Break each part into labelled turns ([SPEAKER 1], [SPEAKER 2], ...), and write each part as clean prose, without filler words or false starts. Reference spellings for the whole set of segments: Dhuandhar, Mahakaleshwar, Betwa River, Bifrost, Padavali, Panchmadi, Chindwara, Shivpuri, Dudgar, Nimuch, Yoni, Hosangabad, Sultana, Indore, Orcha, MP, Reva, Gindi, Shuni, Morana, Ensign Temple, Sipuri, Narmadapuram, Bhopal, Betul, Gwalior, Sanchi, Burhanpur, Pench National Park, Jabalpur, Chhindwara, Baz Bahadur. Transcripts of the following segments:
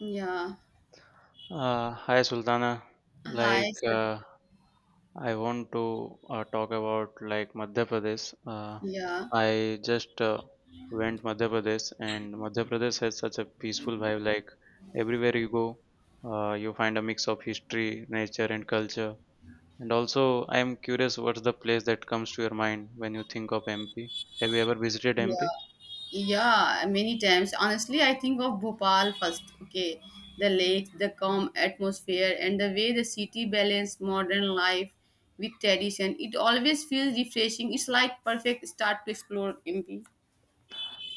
[SPEAKER 1] Yeah.
[SPEAKER 2] Hi Sultana.
[SPEAKER 1] Hi.
[SPEAKER 2] Like
[SPEAKER 1] Sat-
[SPEAKER 2] uh, I want to talk about like Madhya Pradesh.
[SPEAKER 1] Yeah.
[SPEAKER 2] I just went Madhya Pradesh, and Madhya Pradesh has such a peaceful vibe. Like everywhere you go, you find a mix of history, nature, and culture. And also, I am curious, what's the place that comes to your mind when you think of MP? Have you ever visited MP?
[SPEAKER 1] Yeah. Yeah, many times. Honestly, I think of Bhopal first. Okay. The lake, the calm atmosphere, and the way the city balances modern life with tradition. It always feels refreshing. It's like perfect start to explore MP.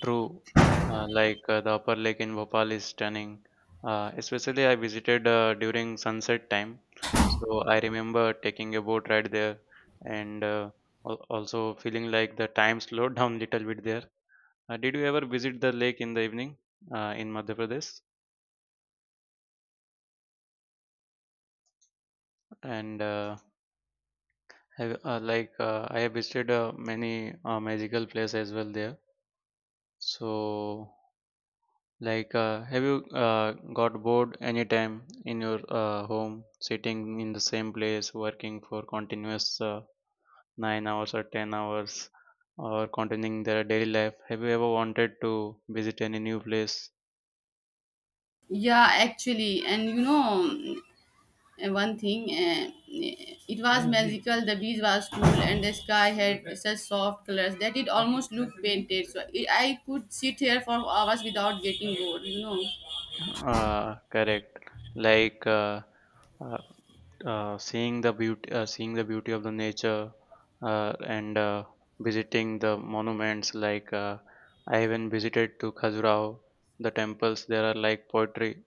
[SPEAKER 2] True, the upper lake in Bhopal is stunning. Especially, I visited during sunset time, so I remember taking a boat ride there and also feeling like the time slowed down little bit there. Did you ever visit the lake in the evening in Madhya Pradesh? And have, like I have visited many magical places as well there. So have you uh, got bored anytime in your home, sitting in the same place, working for continuous 9 hours or 10 hours, or continuing their daily life? Have you ever wanted to visit any new place?
[SPEAKER 1] Yeah, actually, and one thing, it was. Mhm. Magical, the breeze was cool and the sky had such soft colors that it almost looked painted, so I could sit here for hours without getting bored.
[SPEAKER 2] Correct. Like uh, uh, seeing the beauty of the nature, and visiting the monuments. I even visited to Khajuraho, the temples. There are like poetry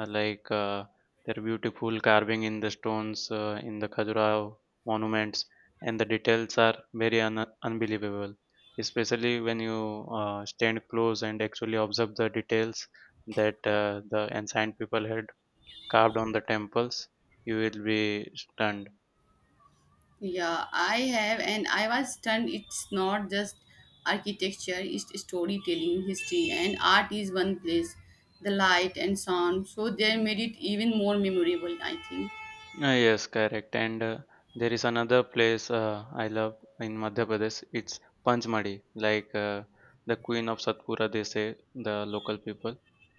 [SPEAKER 2] uh, like uh, their beautiful carving in the stones in the Khajuraho monuments, and the details are very unbelievable. Especially when you stand close and actually observe the details that the ancient people had carved on the temples, you will be stunned.
[SPEAKER 1] Yeah, I have, and I was stunned. It's not just architecture, it's storytelling, history and art is one place. The light and sound, so they made it even more memorable, I think.
[SPEAKER 2] Yes, correct. And there is another place I love in Madhya Pradesh. It's Panchmadi, the queen of Satpura, they say, the local people.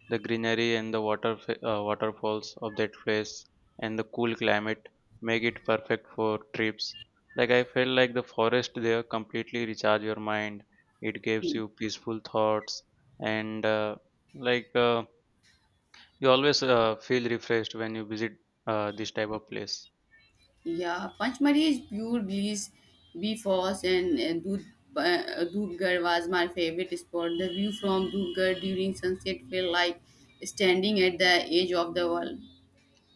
[SPEAKER 2] The greenery and the water waterfalls of that place and the cool climate make it perfect for trips. Like I felt like the forest there completely recharge your mind. It gives
[SPEAKER 1] Yeah.
[SPEAKER 2] you peaceful thoughts and like uh, you always feel refreshed when you visit this type of place.
[SPEAKER 1] Yeah, Panchmari is pure bliss. Bifrost and Dud, Dudgar was my favorite spot. The view from Dudgar during sunset felt like standing at the edge of the world.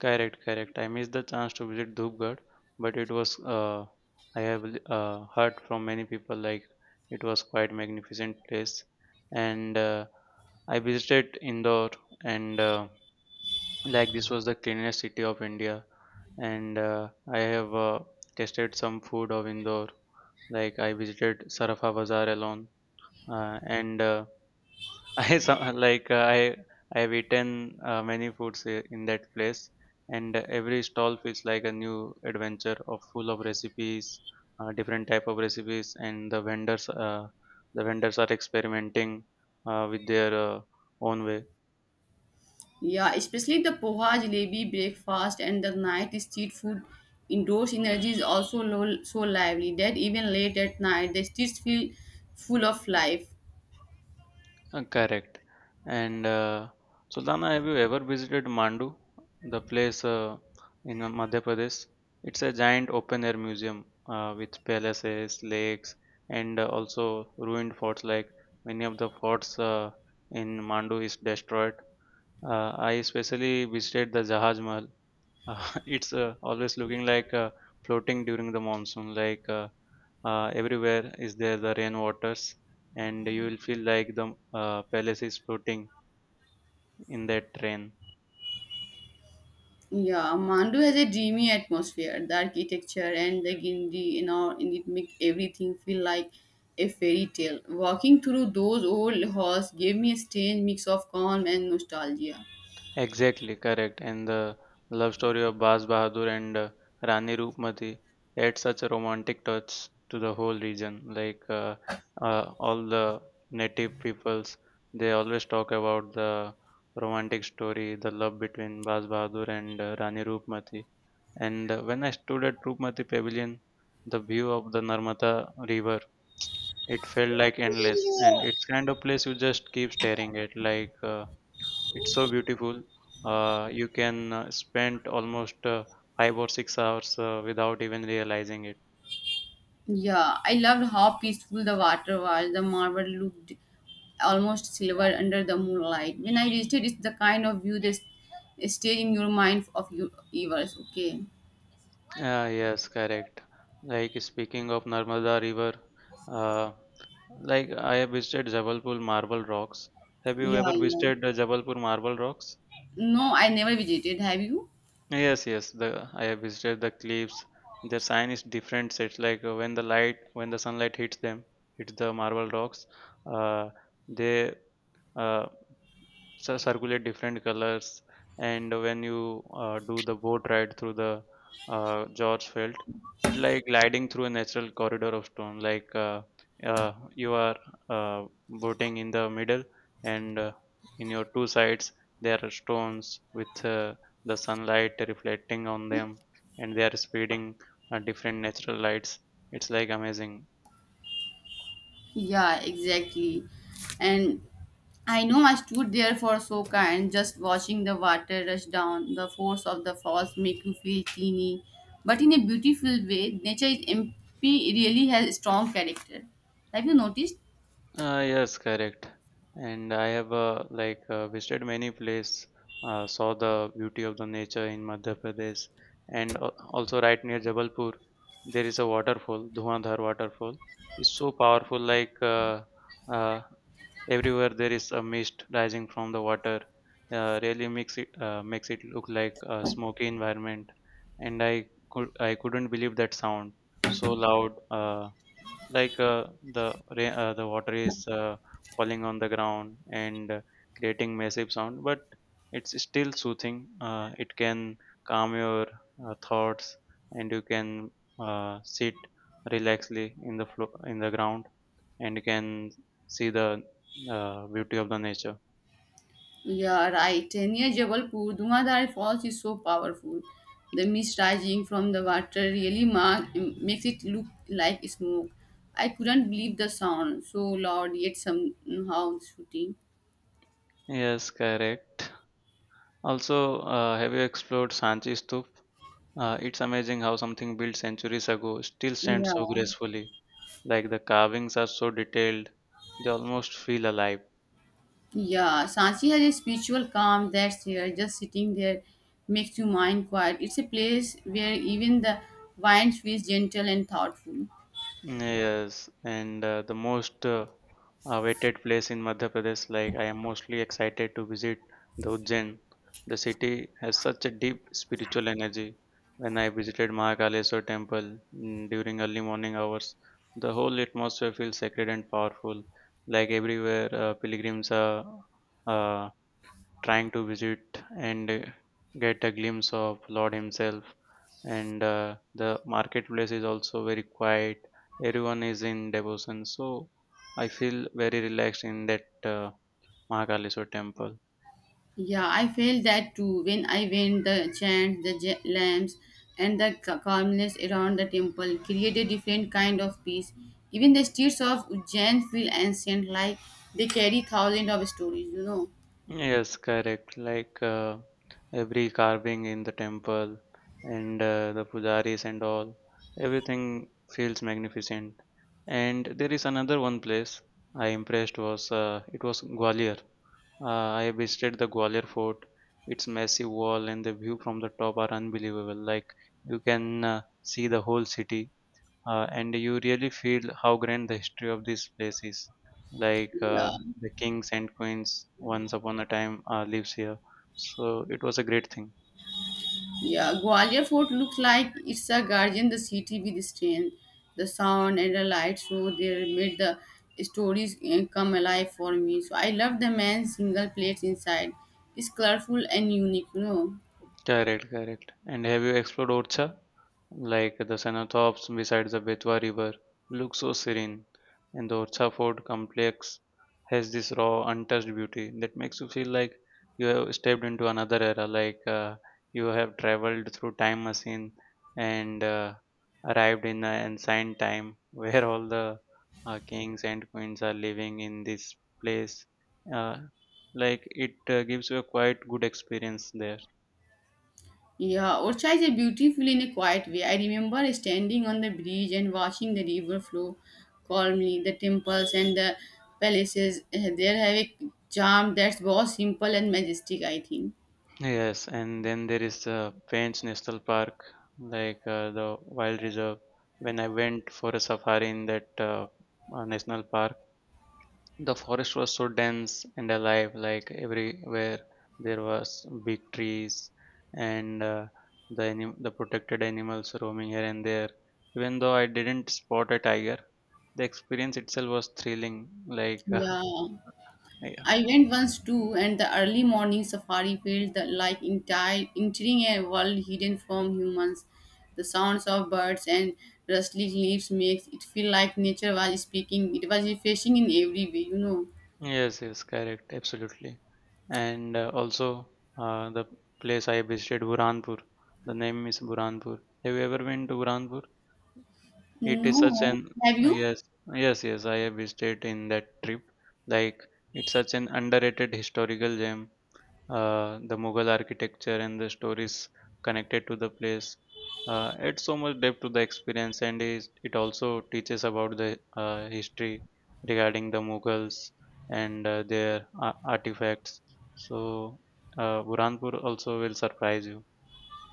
[SPEAKER 2] Correct, correct. I missed the chance to visit Dhupgarh, but it was I have heard from many people like it was quite magnificent place, and I visited Indore, and like this was the cleanest city of India, and I have tasted some food of Indore. Like I visited Sarafa Bazaar alone, and I some like uh, I I've eaten many foods in that place, and every stall feels like a new adventure of full of recipes, different type of recipes, and the vendors are experimenting with their own way.
[SPEAKER 1] Yeah, especially the poha jalebi breakfast and the night street food. Indoor energy is also lo- so lively that even late at night the streets feel full of life.
[SPEAKER 2] Correct. And Sultana, have you ever visited Mandu, the place in Madhya Pradesh? It's a giant open air museum with palaces, lakes, and also ruined forts. Like many of the forts in Mandu is destroyed. I especially visited the Jahaj Mahal, it's always looking like floating during the monsoon. Everywhere is there the rain waters, and you will feel like the palace is floating in that rain.
[SPEAKER 1] Yeah, Mandu has a dreamy atmosphere. The architecture and the Gindi and all, and it make everything feel like a fairy tale. Walking through those old halls gave me a strange mix of calm and nostalgia.
[SPEAKER 2] Exactly correct. And the love story of Baz Bahadur and Rani Roopmati adds such a romantic touch to the whole region. All the native peoples, they always talk about the romantic story, the love between Baz Bahadur and Rani Roopmati. And when I stood at Rupmati Pavilion, the view of the Narmada River, it felt like endless. And it's kind of place you just keep staring at. It's so beautiful. You can spend almost 5 or 6 hours without even realizing it.
[SPEAKER 1] Yeah, I loved how peaceful the water was. The marble looked almost silver under the moonlight. When I reached it, it's the kind of view that stays in your mind of your years. Okay.
[SPEAKER 2] Ah, yes, correct. Like speaking of Narmada River, uh, I have visited Jabalpur Marble Rocks. Have you
[SPEAKER 1] Yeah,
[SPEAKER 2] ever
[SPEAKER 1] yeah.
[SPEAKER 2] visited Jabalpur Marble Rocks?
[SPEAKER 1] No, I never visited. Have you?
[SPEAKER 2] Yes, yes. The I have visited the cliffs. Their sign is different. It's like when the light, when the sunlight hits them, hits the marble rocks. Uh, they uh, circulate different colors and when you do the boat ride through the George Felt, it like gliding through a natural corridor of stone. You are boating in the middle, and in your two sides there are stones with the sunlight reflecting on them, and they are spreading different natural lights. It's like amazing.
[SPEAKER 1] Yeah, exactly. And I know I stood there for so kind, just watching the water rush down. The force of the falls make you feel teeny, but in a beautiful way. Nature is MP really has a strong character. Have you noticed?
[SPEAKER 2] Yes, correct. And I have visited many places, saw the beauty of the nature in Madhya Pradesh, and also right near Jabalpur, there is a waterfall, Dhuandhar waterfall. It's so powerful, uh, everywhere there is a mist rising from the water really makes it look like a smoky environment and I couldn't believe that sound so loud like uh, the the water is falling on the ground and creating massive sound but it's still soothing. It can calm your thoughts and you can sit relaxedly in the in the ground and you can see the beauty of the nature.
[SPEAKER 1] Yeah, right. And near Jabalpur, Dhumadhar Falls is so powerful. The mist rising from the water really mark, makes it look like smoke. I couldn't believe the sound, so loud yet somehow shooting.
[SPEAKER 2] Yes, correct. Also, have you explored Sanchi Stup? It's amazing how something built centuries ago still stands
[SPEAKER 1] Yeah.
[SPEAKER 2] so gracefully. Like the carvings are so detailed, they almost feel alive.
[SPEAKER 1] Yeah, Sanchi has a spiritual calm that's here, just sitting there makes your mind quiet. It's a place where even the wind feels gentle and thoughtful.
[SPEAKER 2] Yes, and the most awaited place in Madhya Pradesh, like I am mostly excited to visit the Ujjain. The city has such a deep spiritual energy. When I visited Mahakaleshwar temple during early morning hours, the whole atmosphere feels sacred and powerful. Like everywhere, pilgrims are uh, trying to visit and get a glimpse of Lord Himself and the marketplace is also very quiet. Everyone is in devotion, so I feel very relaxed in that mahakaleshwar temple.
[SPEAKER 1] Yeah, I felt that too when I went the chant, the j- lamps, and the ca- calmness around the temple created a different kind of peace. Even the streets of Ujjain feel ancient, like they carry thousands of stories.
[SPEAKER 2] Yes, correct. Every carving in the temple and the pujaris and all, everything feels magnificent. And there is another one place I impressed was it was Gwalior. Uh, I visited the Gwalior fort. Its massive wall and the view from the top are unbelievable. Like you can see the whole city and you really feel how grand the history of this place is.
[SPEAKER 1] Yeah.
[SPEAKER 2] The kings and queens once upon a time lives here, so it was a great thing.
[SPEAKER 1] Yeah, Gwalior Fort looks like it's a guardian the city with strength, the sound and the light. So they made the stories eh, come alive for me. So I love the man's single plates inside. It's colorful and unique.
[SPEAKER 2] Correct, correct. And have you explored Orcha? Like the cenotaphs beside the Betwa River look so serene, and the Orcha Fort complex has this raw, untouched beauty that makes you feel like you have stepped into another era, you have traveled through time machine and arrived in an ancient time where all the kings and queens are living in this place. Uh, it gives you a quite good experience there.
[SPEAKER 1] Yeah, Orcha is a beautiful in a quiet way. I remember standing on the bridge and watching the river flow calmly. The temples and the palaces eh, there have a charm that's both simple and majestic, I think.
[SPEAKER 2] Yes, and then there is the Pench National Park, the wild reserve. When I went for a safari in that national park, the forest was so dense and alive, like everywhere there was big trees and the protected animals roaming here and there. Even though I didn't spot a tiger, the experience itself was thrilling. Like
[SPEAKER 1] Yeah. I went once too, and the early morning safari felt the- like entire entering a world hidden from humans. The sounds of birds and rustling leaves makes it feel like nature was speaking. It was refreshing in every way.
[SPEAKER 2] Yes, yes, correct, absolutely. And also, the place I visited, Burhanpur. The name is Burhanpur. Have you ever been to Burhanpur? It is such
[SPEAKER 1] No,
[SPEAKER 2] an
[SPEAKER 1] have you?
[SPEAKER 2] Yes, yes, yes. I have visited in that trip. Like it's such an underrated historical gem. The Mughal architecture and the stories connected to the place. Adds so much depth to the experience, and it also teaches about the history regarding the Mughals and artifacts. So, Burhanpur also will surprise you.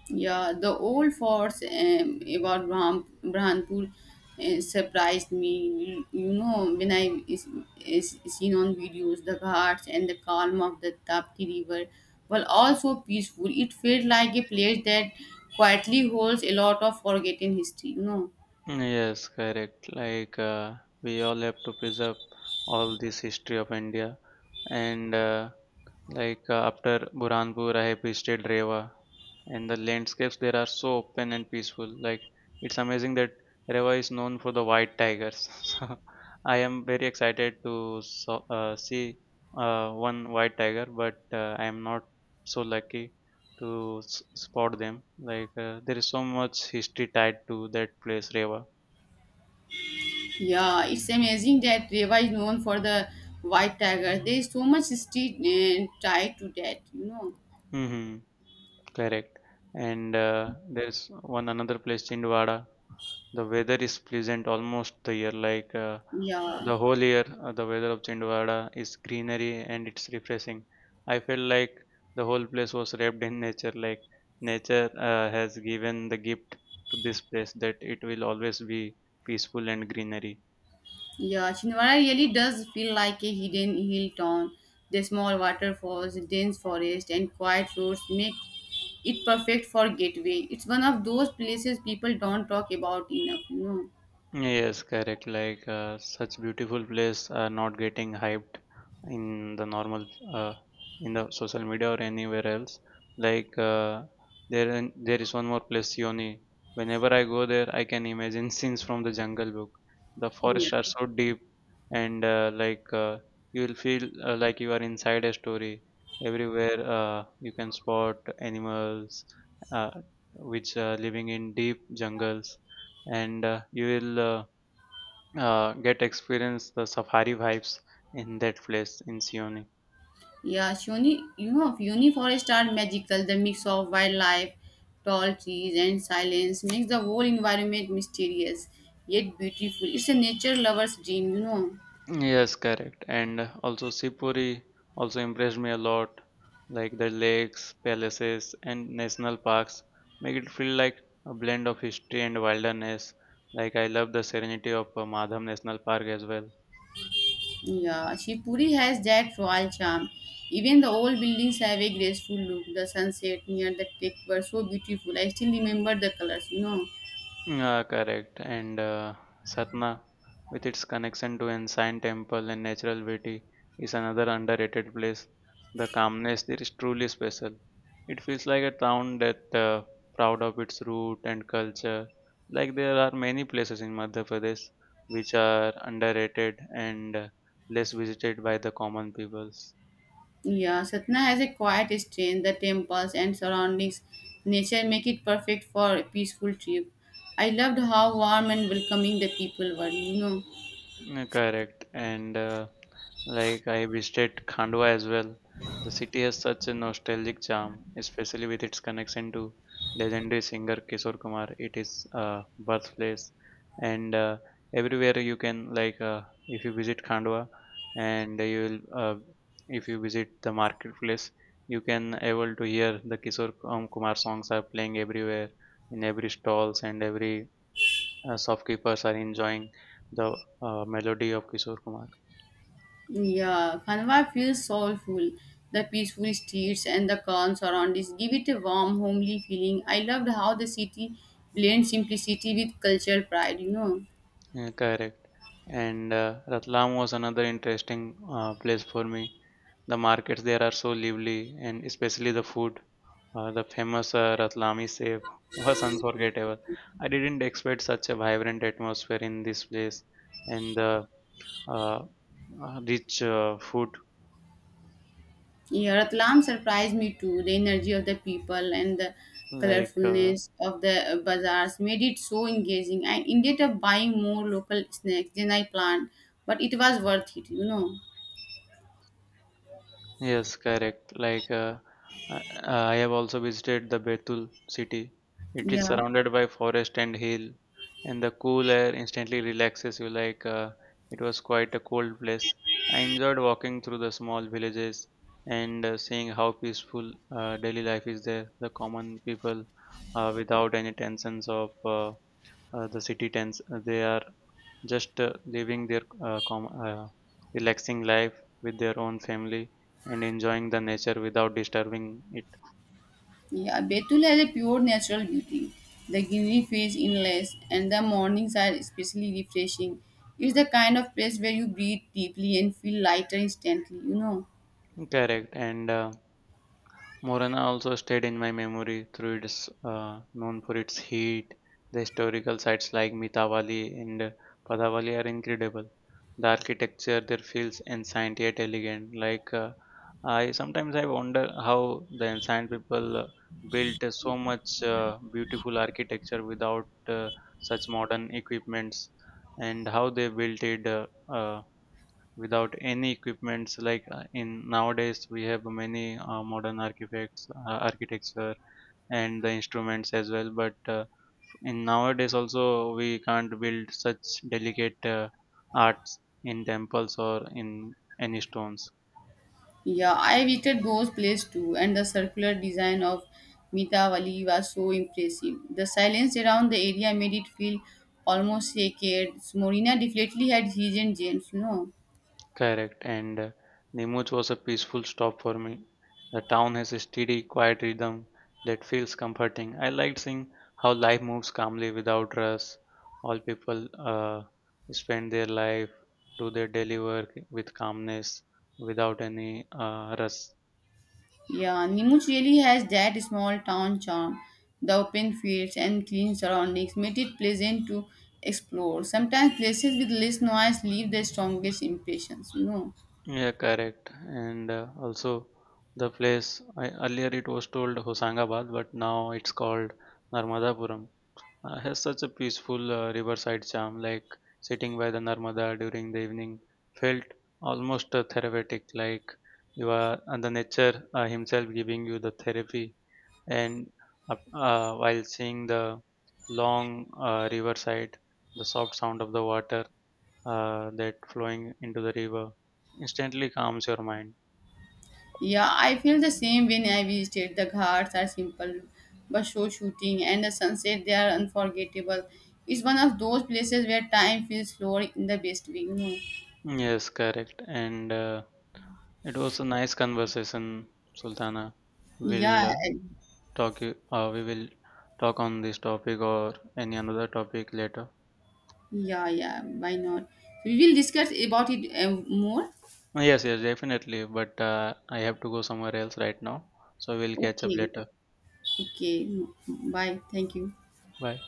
[SPEAKER 1] Yeah, the old forts about Braham, Brahmanpur surprised me. You know, when I is seen on videos, the ghats and the calm of the Tapti River were also peaceful. It felt like a place that quietly holds a lot of forgotten history. You know,
[SPEAKER 2] Yes, correct. We all have to preserve all this history of India, and after Burhanpur, I have visited Rewa, and the landscapes there are so open and peaceful. Like it's amazing that Rewa is known for the white tigers. So I am very excited to so, see one white tiger, but I am not so lucky to spot them. There is so much history tied to that place, Rewa.
[SPEAKER 1] yeah, it's amazing that Reva is known for the white tiger. There is so much history tied to that. You know,
[SPEAKER 2] Mhm. Correct. And there's one another place, Chindwara. The weather is pleasant almost the year.
[SPEAKER 1] yeah.
[SPEAKER 2] The whole year, the weather of Chindwara is greenery and it's refreshing. I felt like the whole place was wrapped in nature. Like nature has given the gift to this place that it will always be peaceful and greenery.
[SPEAKER 1] Yeah, Chhindwara really does feel like a hidden hill town. The small waterfalls, dense forest, and quiet roads make it perfect for getaway. It's one of those places people don't talk about enough, you know.
[SPEAKER 2] Yes, correct. Such beautiful place are not getting hyped in the normal uh, in the social media or anywhere else. Like uh, there is one more place, Yoni. Whenever I go there, I can imagine scenes from the Jungle Book. The
[SPEAKER 1] Yeah.
[SPEAKER 2] forests are so deep, and you will feel like you are inside a story. Everywhere you can spot animals uh, which are living in deep jungles, and you will get experience the safari vibes in that place in Sioni.
[SPEAKER 1] Yeah, Shuni, you know, Uni forests are magical. The mix of wildlife, tall trees, and silence makes the whole environment mysterious yet beautiful. It's a nature lover's dream, you know.
[SPEAKER 2] Yes, correct. And also Sipuri also impressed me a lot. Like the lakes, palaces, and national parks make it feel like a blend of history and wilderness. Like I love the serenity of Madham National Park as well.
[SPEAKER 1] Yeah, Shivpuri has that royal charm. Even the old buildings have a graceful look. The sunset near the lake were so beautiful. I still remember the colors, you know.
[SPEAKER 2] Yeah, correct. And Satna, with its connection to Ensign Temple and natural beauty, is another underrated place. The calmness there is truly special. It feels like a town that proud of its root and culture. Like there are many places in Madhya Pradesh which are underrated and less visited by the common peoples.
[SPEAKER 1] Yeah, Satna has a quiet strength. The temples and surroundings, nature make it perfect for a peaceful trip. I loved how warm and welcoming the people were, you know.
[SPEAKER 2] Mm, correct. And like I visited Khandwa as well. The city has such a nostalgic charm, especially with its connection to legendary singer Kishore Kumar. It is birthplace, and everywhere you can if you visit Khandwa, and you will if you visit the marketplace, you can able to hear the Kishore Kumar songs are playing everywhere in every stalls and every shopkeepers are enjoying the melody of Kishore Kumar.
[SPEAKER 1] Yeah, Kanwa feels soulful. The peaceful streets and the calm surroundings give it a warm, homely feeling. I loved how the city blends simplicity with cultural pride, you know.
[SPEAKER 2] Yeah, correct. And Ratlam was another interesting place for me. The markets there are so lively, and especially the food. The famous Ratlami Sev was unforgettable. I didn't expect such a vibrant atmosphere in this place, and the uh, rich food
[SPEAKER 1] Yeah, Ratlam surprised me too. The energy of the people and the
[SPEAKER 2] like uh,
[SPEAKER 1] colorfulness of the bazaars made it so engaging. I ended up buying more local snacks than I planned, but it was worth it, you know.
[SPEAKER 2] Yes, correct. I have also visited the Betul city. It is
[SPEAKER 1] Yeah.
[SPEAKER 2] surrounded by forest and hill, and the cool air instantly relaxes you. It was quite a cold place. I enjoyed walking through the small villages and seeing how peaceful daily life is there. The common people, without any tensions of the city tens, they are just living their relaxing life with their own family and enjoying the nature without disturbing it.
[SPEAKER 1] Yeah, Betul has a pure natural beauty. The greenery feels endless, and the mornings are especially refreshing. It's the kind of place where you breathe deeply and feel lighter instantly, you know.
[SPEAKER 2] Correct, and Morana also stayed in my memory through its known for its heat. The historical sites like Mitavali and Padavali are incredible. The architecture there feels ancient yet elegant. I sometimes I wonder how the ancient people built so much beautiful architecture without such modern equipments, and how they built it. Without any equipments in nowadays we have many modern architects architecture and the instruments as well but in nowadays also we can't build such delicate arts in temples or in any stones.
[SPEAKER 1] Yeah, I visited those places too, and the circular design of Mitavali was so impressive. The silence around the area made it feel almost sacred. Morina definitely had his and James, you know.
[SPEAKER 2] Correct, and Nemoch was a peaceful stop for me. The town has a steady, quiet rhythm that feels comforting. I liked seeing how life moves calmly without rush. All people spend their life, do their daily work with calmness, without any rush.
[SPEAKER 1] Yeah, Nimuch really has that small town charm. The open fields and clean surroundings make it pleasant to explore. Sometimes places with less noise leave the strongest impressions, you know.
[SPEAKER 2] Yeah, correct. And also, the place I, earlier it was told Hosangabad, but now it's called Narmadapuram has such a peaceful riverside charm, like sitting by the Narmada during the evening felt almost therapeutic, like you are and the nature himself giving you the therapy, and while seeing the long riverside, the soft sound of the water that flowing into the river instantly calms your mind.
[SPEAKER 1] Yeah, I feel the same when I visited. The ghats are simple, but show shooting and the sunset they are unforgettable. It's one of those places where time feels slower in the best way, you know.
[SPEAKER 2] Yes, correct, and it was a nice conversation, Sultana.
[SPEAKER 1] Yeah,
[SPEAKER 2] We'll uh, we will talk on this topic or any another topic later.
[SPEAKER 1] yeah, yeah. Why not? We will discuss about it more.
[SPEAKER 2] Yes, yes, definitely. But I have to go somewhere else right now, so we'll catch up
[SPEAKER 1] Okay.
[SPEAKER 2] later.
[SPEAKER 1] Okay, no, bye. Thank you.
[SPEAKER 2] Bye.